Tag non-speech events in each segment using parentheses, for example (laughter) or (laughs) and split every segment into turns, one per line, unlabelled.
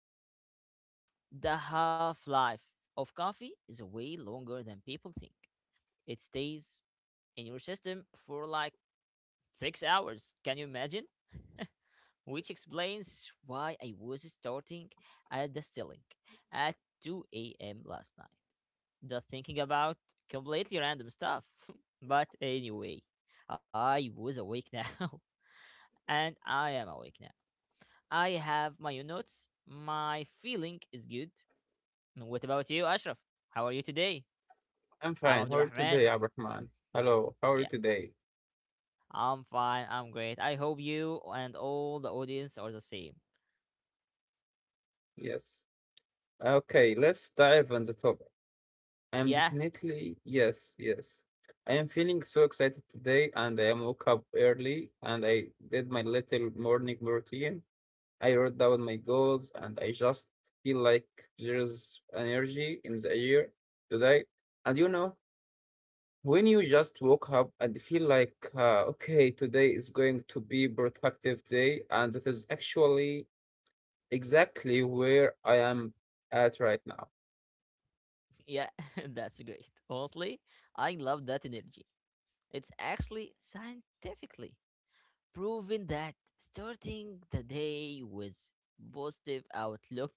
how the half life of coffee is way longer than people think. It stays in your system for like six hours. Can you imagine? (laughs) Which explains why I was starting at the ceiling at 2 a.m. last night, just thinking about completely random stuff. (laughs) But anyway, I was awake now, (laughs) and I am awake now. I have my own notes. My feeling is good. What about you, Ashraf? How are you today?
I'm
I'm
fine. How are you today,
Abdurrahman.
Abrahman? Hello, how are you
Yeah,
today?
I'm fine. I'm great. I hope you and all the audience are the same.
Yes. Okay, let's dive on the topic. I am
Yeah,
definitely, yes, yes. I am feeling so excited today, and I am woke up early, and I did my little morning routine. I wrote down my goals, and I just feel like there's energy in the air today. And you know, when you just woke up and feel like, okay, today is going to be productive day, and it is actually exactly where I am at right now.
yeah, (laughs) that's great. Honestly, I love that energy. It's actually scientifically proven that starting the day with positive outlook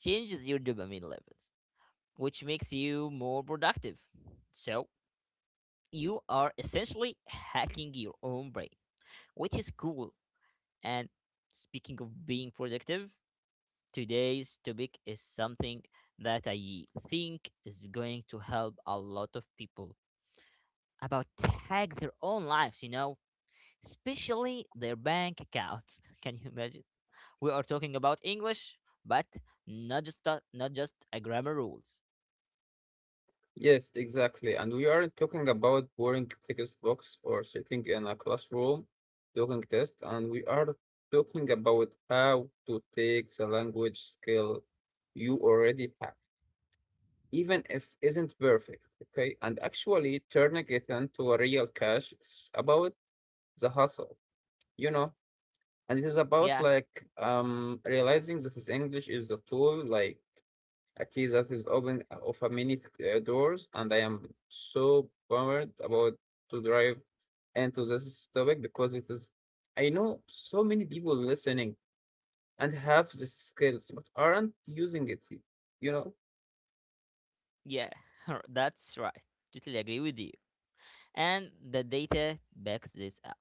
changes your dopamine levels, which makes you more productive. So, you are essentially hacking your own brain, which is cool. And speaking of being productive, today's topic is something that I think is going to help a lot of people about tag their own lives, you know, especially their bank accounts. (laughs) Can you imagine? We are talking about English, but not just a grammar rules.
Yes, exactly. And we aren't talking about boring textbooks or sitting in a classroom doing tests, and we are talking about how to take the language skill you already have, even if isn't perfect, okay, and actually turning it into a real cash. It's about the hustle, you know, and it is about
Yeah,
like realizing that this English is a tool, like a key that is open of a many doors, and I am so bummed about to drive into this topic because it is. I know so many people listening and have the skills but aren't using it. You know.
yeah, (laughs) that's right. Totally agree with you. And the data backs this up.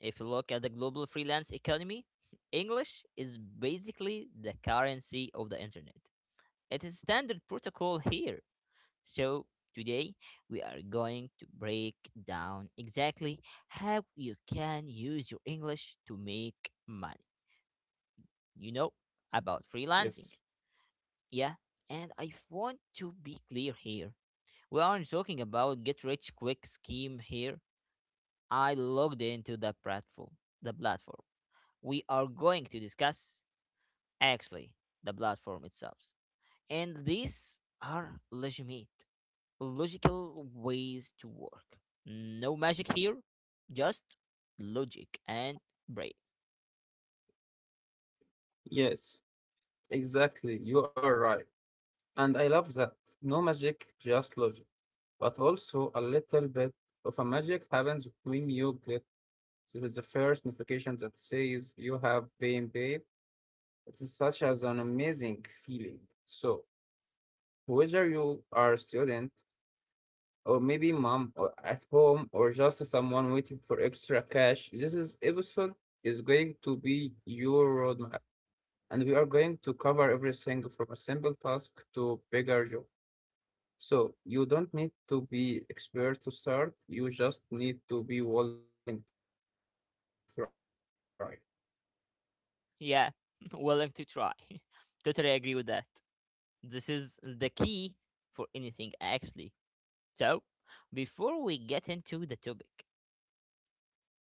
If you look at the global freelance economy, (laughs) English is basically the currency of the internet. It is standard protocol here. So, today we are going to break down exactly how you can use your English to make money. You know, about freelancing.
Yes.
Yeah, and I want to be clear here. We aren't talking about get rich quick scheme here. I logged into the platform. We are going to discuss actually the platform itself. And these are legitimate. Logical ways to work. No magic here, just logic and brain.
Yes, exactly. You are right. And I love that. No magic, just logic. But also a little bit of a magic happens when you get this is the first notification that says you have been paid. It's such as an amazing feeling. So, whether you are a student or maybe mom or at home or just someone waiting for extra cash, this is episode is going to be your roadmap, and we are going to cover everything from a simple task to bigger job. So, you don't need to be expert to start. You just need to be willing to try.
Yeah, (laughs) willing to try. (laughs) Totally agree with that. This is the key for anything, actually. So, before we get into the topic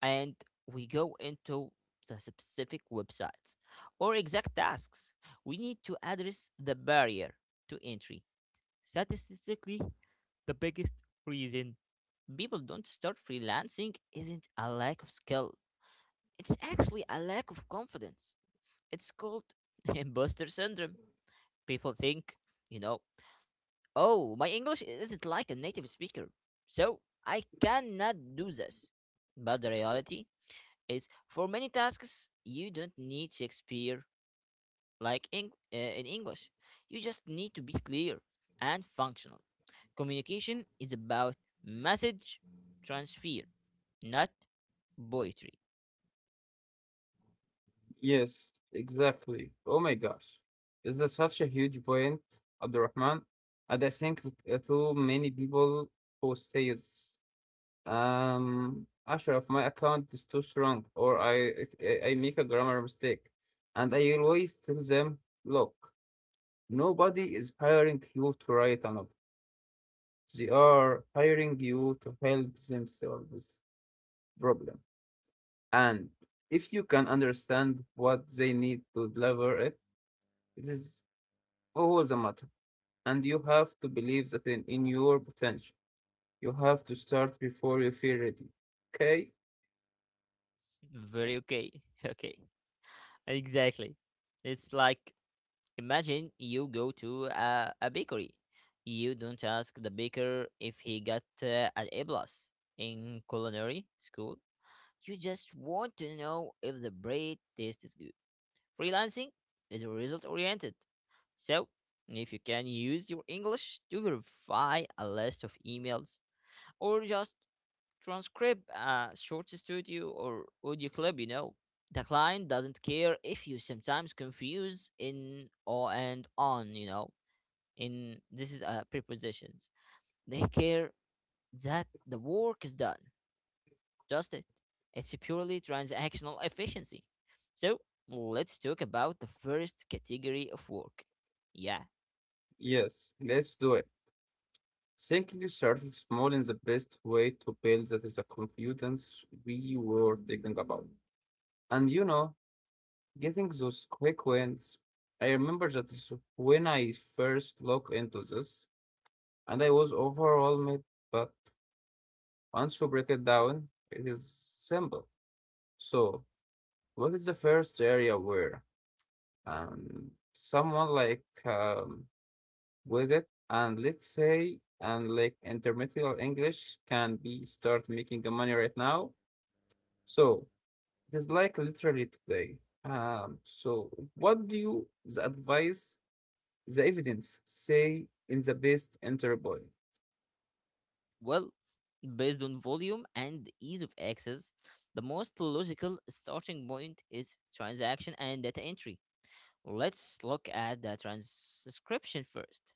and we go into the specific websites or exact tasks, we need to address the barrier to entry. Statistically, the biggest reason people don't start freelancing isn't a lack of skill. It's actually a lack of confidence. It's called (laughs) imposter syndrome. People think, you know, oh, my English isn't like a native speaker, so I cannot do this. But the reality is, for many tasks, you don't need Shakespeare like in English. You just need to be clear and functional. Communication is about message transfer, not poetry.
Yes, exactly. Oh my gosh. Is that such a huge point, Abdurrahman? And I think that too many people who says, Ashraf, my account is too strong, or I, it- I make a grammar mistake. And I always tell them, look, nobody is hiring you to write a novel. They are hiring you to help them solve this problem. And if you can understand what they need to deliver it, it is all the matter. And you have to believe that in your potential. You have to start before you feel ready. Okay?
Very okay. (laughs) Okay. Exactly. It's like imagine you go to a bakery. You don't ask the baker if he got an A plus in culinary school. You just want to know if the bread tastes good. Freelancing is result oriented. So, if you can use your English to verify a list of emails, or just transcribe a short studio or audio clip, you know. The client doesn't care if you sometimes confuse in or and on, you know. In this is prepositions. They care that the work is done. Just it. It's purely transactional efficiency. So let's talk about the first category of work. Yeah,
Yes, let's do it. Thinking you started small is the best way to build that is the confidence we were thinking about. And you know, getting those quick wins. I remember that is when I first looked into this and I was overwhelmed, but once you break it down, it is simple. So what is the first area where someone like with it and let's say and like intermediate english can be start making the money right now, so it is like literally today. So what do you the advice the evidence say in the best enter boy?
well, based on volume and ease of access, the most logical starting point is transaction and data entry. Let's look at the transcription first.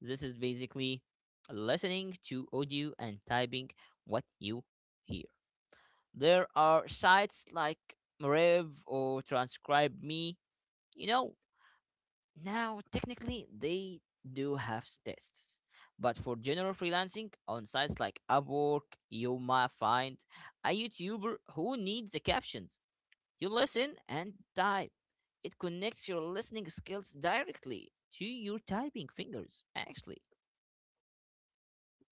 This is basically listening to audio and typing what you hear. There are sites like Rev or Transcribe Me, you know, now, technically, they do have tests, but for general freelancing on sites like Upwork, you might find a YouTuber who needs the captions. You listen and type. It connects your listening skills directly to your typing fingers, actually.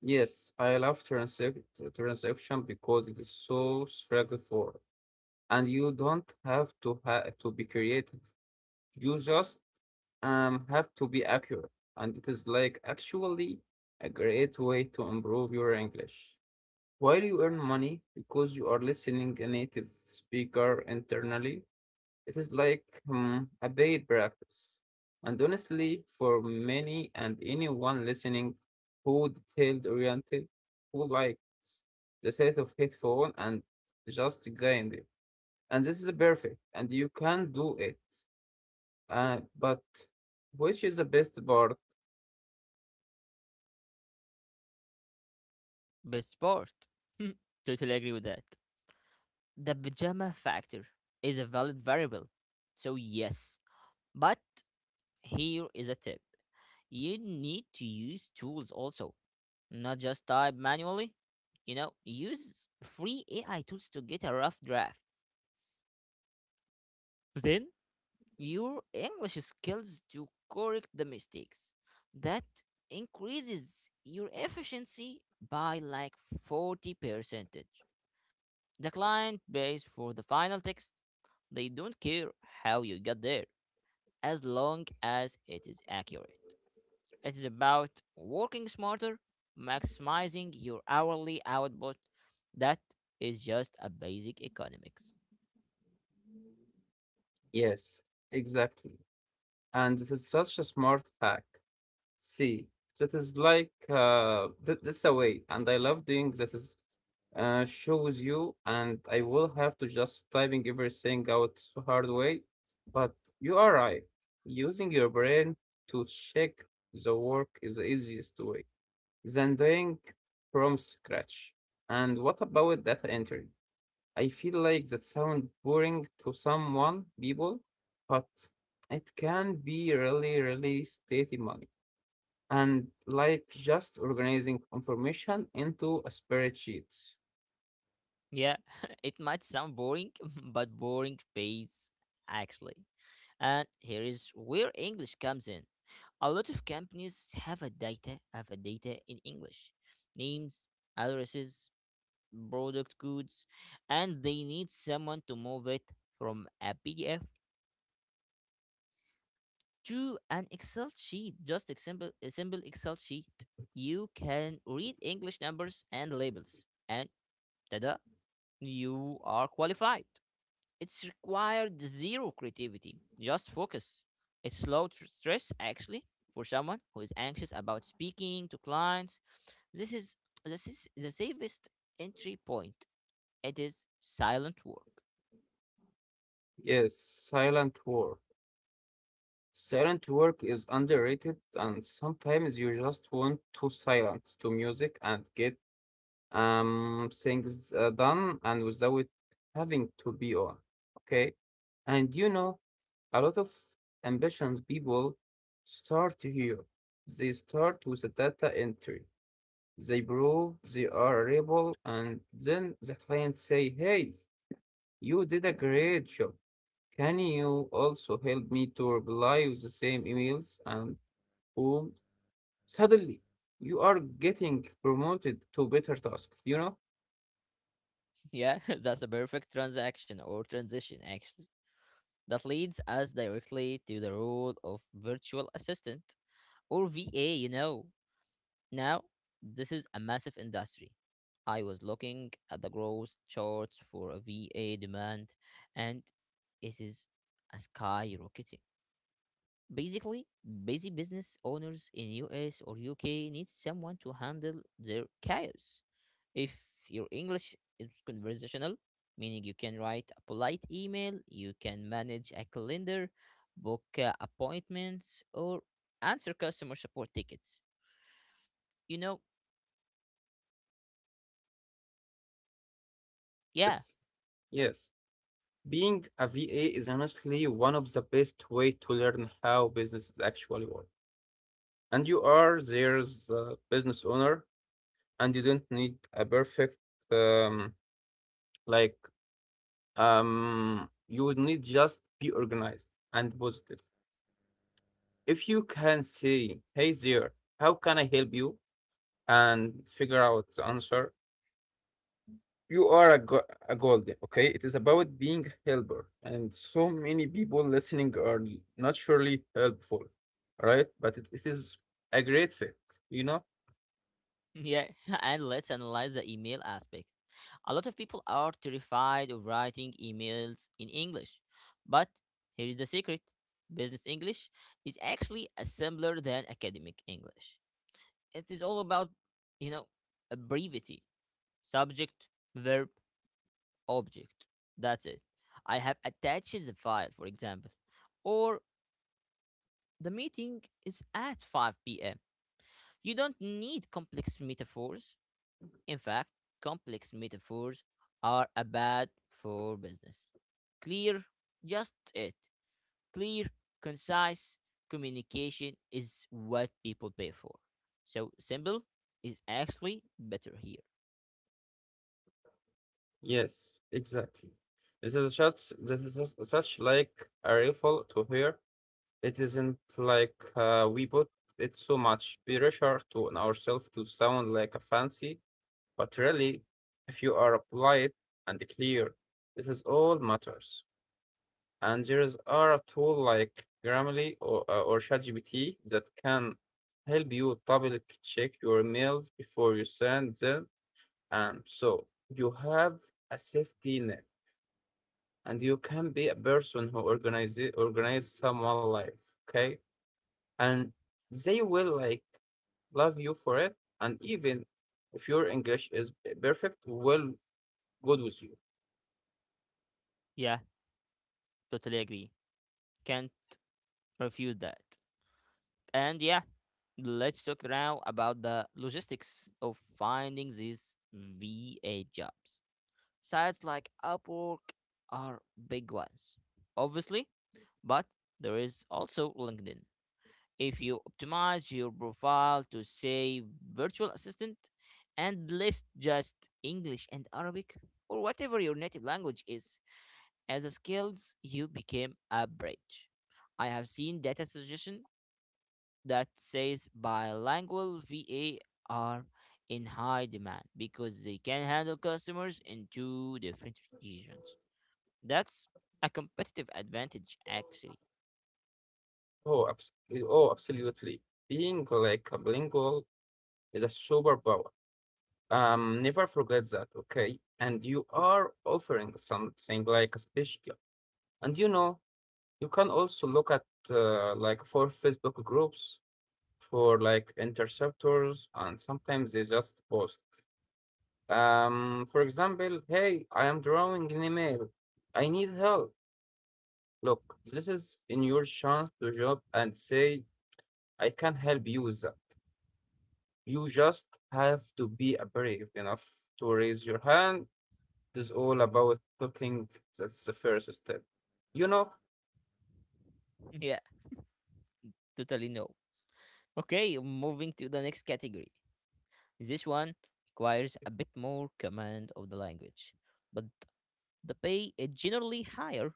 Yes, I love transaction because it is so struggle for, and you don't have to be creative. You just have to be accurate, and it is like actually a great way to improve your English. While you earn money because you are listening a native speaker internally, it is like hmm, a paid practice. And honestly, for many and anyone listening who detailed oriented, who likes the set of headphone and just grind it. And this is perfect, and you can do it but which is the best part?
Best part. (laughs) Totally agree with that. The pajama factor is a valid variable. So, yes. But here is a tip, you need to use tools also. Not just type manually. You know, use free AI tools to get a rough draft. Then your English skills to correct the mistakes. That increases your efficiency by like 40 percentage. The client pays for the final text. They don't care how you got there as long as it is accurate. It is about working smarter, maximizing your hourly output. That is just a basic economics.
Yes, exactly. And it is such a smart hack. See, that is like that's a way, and I love doing that. Is shows you, and I will have to just typing everything out the hard way. But you are right. Using your brain to check the work is the easiest way than doing from scratch. And what about data entry? I feel like that sound boring to someone people, but it can be really, really stated money. And like just organizing information into a spreadsheets.
Yeah, (laughs) it might sound boring, (laughs) but boring pays actually. And here is where English comes in. A lot of companies have a data in English, names, addresses, product codes, and they need someone to move it from a PDF to an Excel sheet, just a simple Excel sheet. You can read English numbers and labels, and tada, you are qualified. It's required zero creativity, just focus. It's low stress, actually, for someone who is anxious about speaking to clients. This is this is the safest entry point. It is silent work.
Yes, silent work. Silent work is underrated, and sometimes you just want to silence to music and get things done and without having to be on. Okay. And you know, a lot of ambitions people start here. They start with the data entry. They prove they are able, and then the client say, hey, you did a great job, can you also help me to reply with the same emails, and boom, suddenly you are getting promoted to better task, you know.
Yeah, (laughs) that's a perfect transaction or transition, actually. That leads us directly to the role of virtual assistant or VA, you know. Now, this is a massive industry. I was looking at the growth charts for a VA demand, and it is a skyrocketing. Basically, busy business owners in US or UK need someone to handle their chaos. If your English is conversational, meaning you can write a polite email, you can manage a calendar, book appointments, or answer customer support tickets. You know, yeah.
Yes, yes. Being a VA is honestly one of the best way to learn how businesses actually work. And you are there's a business owner, and you don't need a perfect um, like You would need just be organized and positive. If you can say, "Hey there, how can I help you?" and figure out the answer, you are a, a golden, okay? It is about being helper, and so many people listening are naturally helpful, right? But it is a great fit, you know?
Yeah, (laughs) and let's analyze the email aspect. A lot of people are terrified of writing emails in English, but here is the secret, business English is actually a simpler than academic English. It is all about, you know, a brevity subject, verb, object. That's it. I have attached the file, for example, or the meeting is at 5 p.m. You don't need complex metaphors. In fact, complex metaphors are a bad for business. Clear, just it. Clear, concise communication is what people pay for. So simple is actually better here.
Yes, exactly. This is such this is such like a rifle to hear. It isn't like we put it so much pressure to on ourselves to sound like a fancy, but really, if you are polite and clear, this is all matters. And there's are a tool like Grammarly or ChatGPT that can help you double check your emails before you send them. And so you have a safety net, and you can be a person who organize someone life. Okay. And they will like love you for it. And even if your English is perfect, will good with you.
Yeah, totally agree. Can't refute that. And yeah, let's talk now about the logistics of finding these VA jobs. Sites like Upwork are big ones. Obviously, but there is also LinkedIn. If you optimize your profile to say virtual assistant and list just English and Arabic or whatever your native language is as a skills, you became a bridge. I have seen data suggestion that says bilingual VA are in high demand because they can handle customers in two different regions. That's a competitive advantage actually.
Oh, abs- oh, absolutely. Being like a bilingual is a superpower. Never forget that, okay? And you are offering something like a special. And you know, you can also look at like for Facebook groups for like interceptors, and sometimes they just post. For example, hey, I am drawing an email. I need help. Look, this is in your chance to job and say, I can help you with that. You just have to be brave enough to raise your hand. It is all about talking. That's the first step. You know,
(laughs) Yeah, totally no. Okay, moving to the next category. This one requires a bit more command of the language, but the pay is generally higher.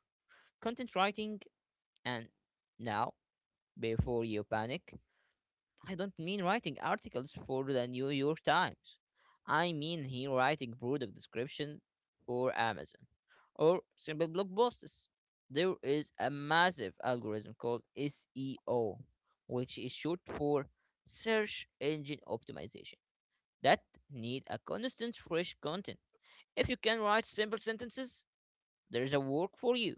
Content writing, and now, before you panic, I don't mean writing articles for the New York Times. I mean here writing product description for Amazon or simple blog posts. There is a massive algorithm called SEO, which is short for search engine optimization, that need a constant fresh content. If you can write simple sentences, there is a work for you.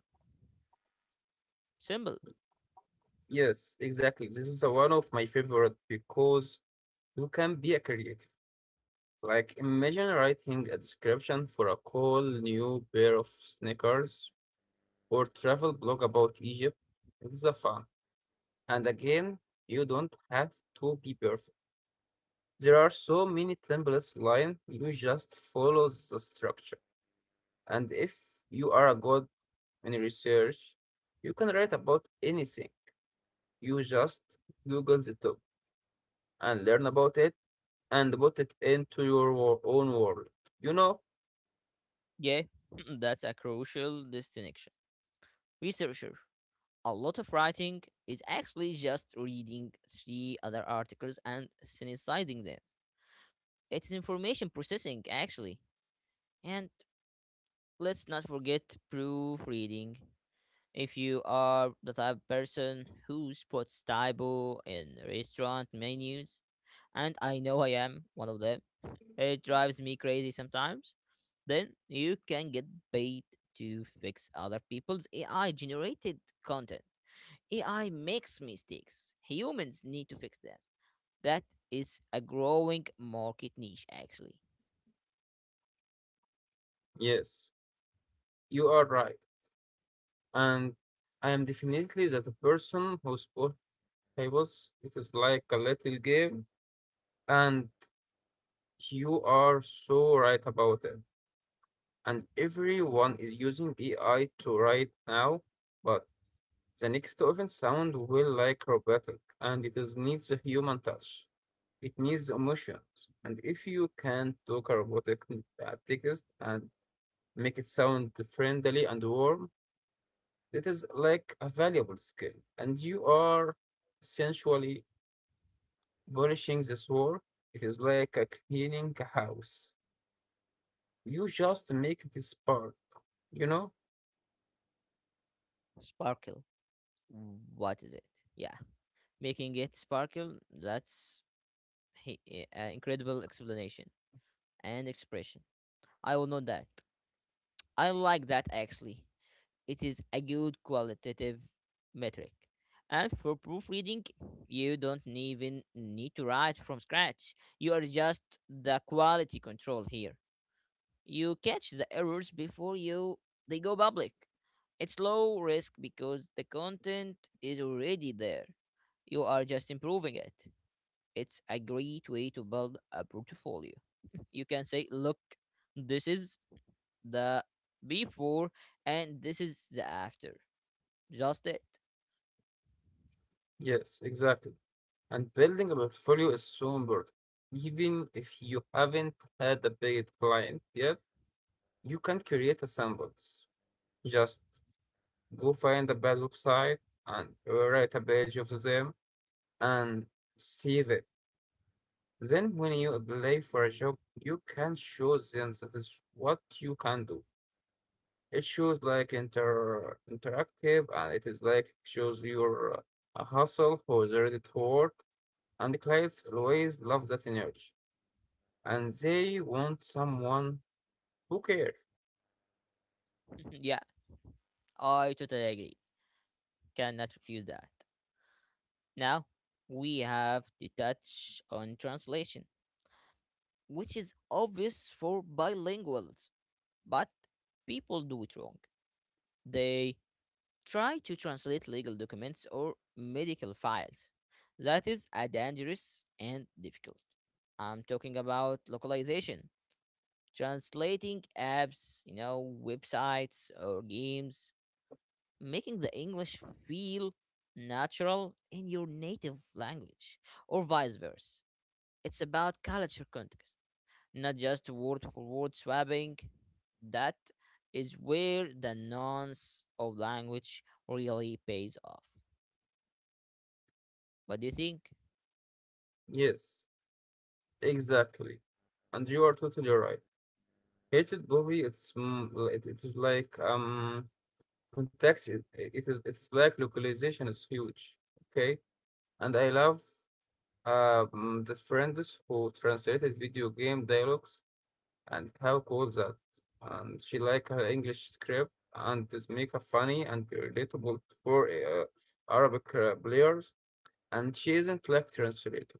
Simple.
yes, exactly. This is a one of my favorite because you can be a creative. Like, imagine writing a description for a cool new pair of sneakers or travel blog about Egypt. It is a fun. And again, you don't have to be perfect. There are so many templates line. You just follow the structure. And if you are a good in research, you can write about anything. You just Google the topic and learn about it and put it into your own world. You know?
Yeah, (laughs) that's a crucial distinction. Researcher. A lot of writing is actually just reading three other articles and synthesizing them. It's information processing, actually. And let's not forget proofreading. If you are the type of person who spots typo in restaurant menus, and I know I am one of them, it drives me crazy sometimes. Then you can get paid to fix other people's AI generated content. AI makes mistakes. Humans need to fix them. That is a growing market niche, actually.
Yes, you are right. And I am definitely that person who sport tables. It is like a little game, and you are so right about it. And everyone is using AI to write now, but the next event sound will like robotic, and it is needs a human touch. It needs emotions. And if you can talk a robotic text and make it sound friendly and warm, it is like a valuable skill. And you are essentially polishing this war. It is like a cleaning a house. You just make this part, you know?
Sparkle. What is it? Yeah. Making it sparkle, that's a incredible explanation and expression. I will note that. I like that, actually. It is a good qualitative metric. And for proofreading, you don't even need to write from scratch. You are just the quality control here. You catch the errors before you they go public. It's low risk because the content is already there. You are just improving it. It's a great way to build a portfolio. You can say, look, this is the before and this is the after. Just it.
Yes, exactly. And building a portfolio is so important. Even if you haven't had a paid client yet, you can create a samples. Just go find the bad website and write a page of them and save it. Then, when you apply for a job, you can show them that is what you can do. It shows like interactive, and it is like shows your hustle who's ready to work. And the clients always love that energy, and they want someone who cares.
(laughs) Yeah, I totally agree. Cannot refuse that. Now, we have to touch on translation, which is obvious for bilinguals, but people do it wrong. They try to translate legal documents or medical files. That is a dangerous and difficult. I'm talking about localization, translating apps, you know, websites or games, making the English feel natural in your native language, or vice versa. It's about culture context, not just word for word swapping. That is where the nuance of language really pays off. What do you think?
Yes, exactly. And you are totally right. Hated Bobby, it's mm, it is like context it is it's like localization is huge. Okay. And I love the friends who translated video game dialogues, and how cool that. And she like her English script, and this make her funny and relatable for Arabic players. And she isn't like translated.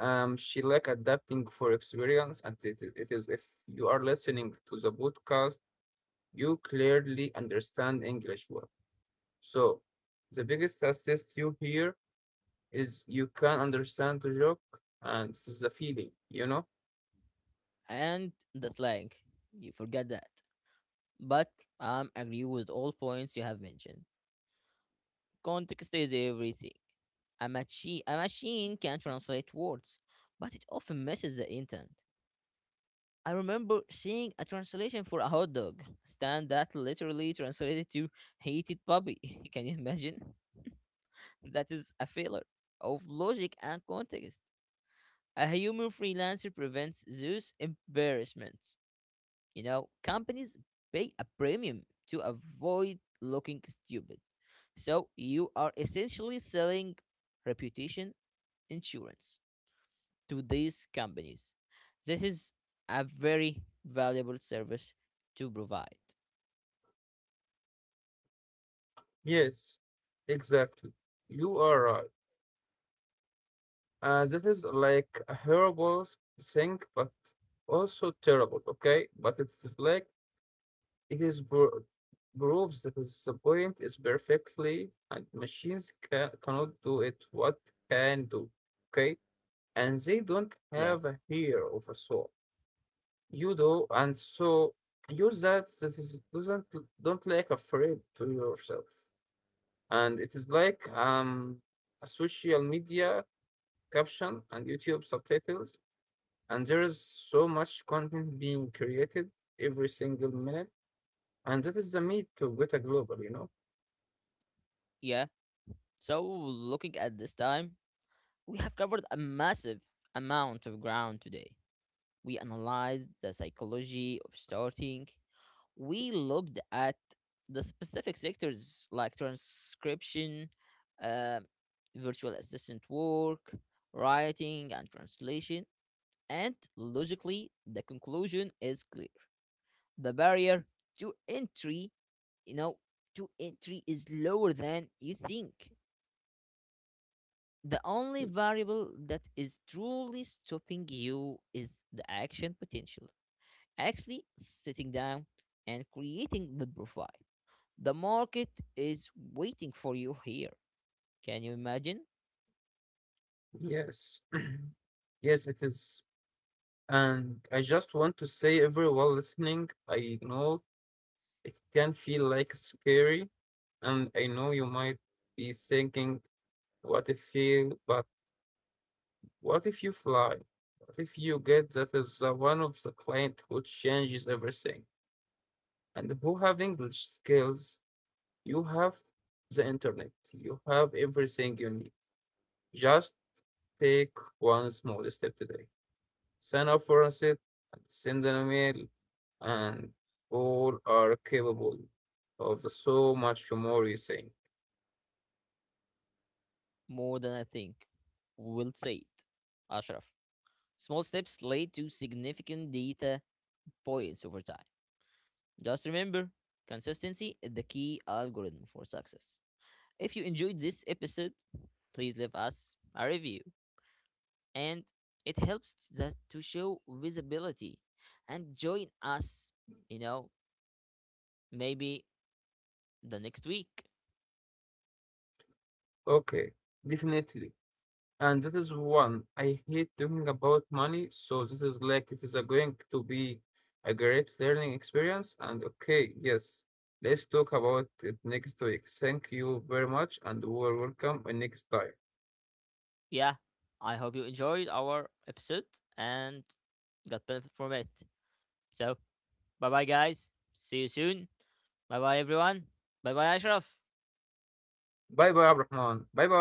She like adapting for experience, and it is if you are listening to the podcast, you clearly understand English well. So the biggest assist you here is you can understand the joke, and this is the feeling, you know?
And the slang, you forget that. But I agree with all points you have mentioned. Context is everything. A machine can translate words, but it often misses the intent. I remember seeing a translation for a hot dog stand that literally translated to hated puppy. (laughs) Can you imagine? That is a failure of logic and context. A humor freelancer prevents those embarrassments. You know, companies pay a premium to avoid looking stupid. So you are essentially selling reputation insurance to these companies. This is a very valuable service to provide.
Yes, exactly. You are right. This is like a horrible thing, but also terrible, okay? But it is like it is proves that is the point is perfectly and machines cannot do it what can do, okay? And they don't
Yeah,
have a hair of a soul. You do, and so use that is doesn't don't like afraid to yourself. And it is like a social media caption and YouTube subtitles, and there is so much content being created every single minute. And that is the meat to get a global, you know?
yeah. So, looking at this time, we have covered a massive amount of ground today. We analyzed the psychology of starting, we looked at the specific sectors like transcription, uh, virtual assistant work, writing, and translation. And logically, the conclusion is clear. The barrier to entry, you know, to entry is lower than you think. The only variable that is truly stopping you is the action potential. Actually, sitting down and creating the profile. The market is waiting for you here. Can you imagine?
Yes. (clears throat) Yes, it is. And I just want to say, everyone listening, I know it can feel like scary, and I know you might be thinking, what if you, but what if you fly? What if you get that is the one of the client who changes everything? And who have English skills? You have the internet. You have everything you need. Just take one small step today. Sign up for a sit and send an email, and all are capable of the so much more you think.
More than I think. We'll say it. Ashraf. Small steps lead to significant data points over time. Just remember, consistency is the key algorithm for success. If you enjoyed this episode, please leave us a review and it helps that to show visibility and join us, you know, maybe the next week.
Okay, definitely. And that is one. I hate talking about money, so this is like it is a going to be a great learning experience. And okay, yes, let's talk about it next week. Thank you very much, and we are welcome in next time.
Yeah, I hope you enjoyed our episode and got benefit from it. So, bye bye, guys. See you soon. Bye bye, everyone. Bye bye, Ashraf.
Bye bye, Abrahman. Bye bye.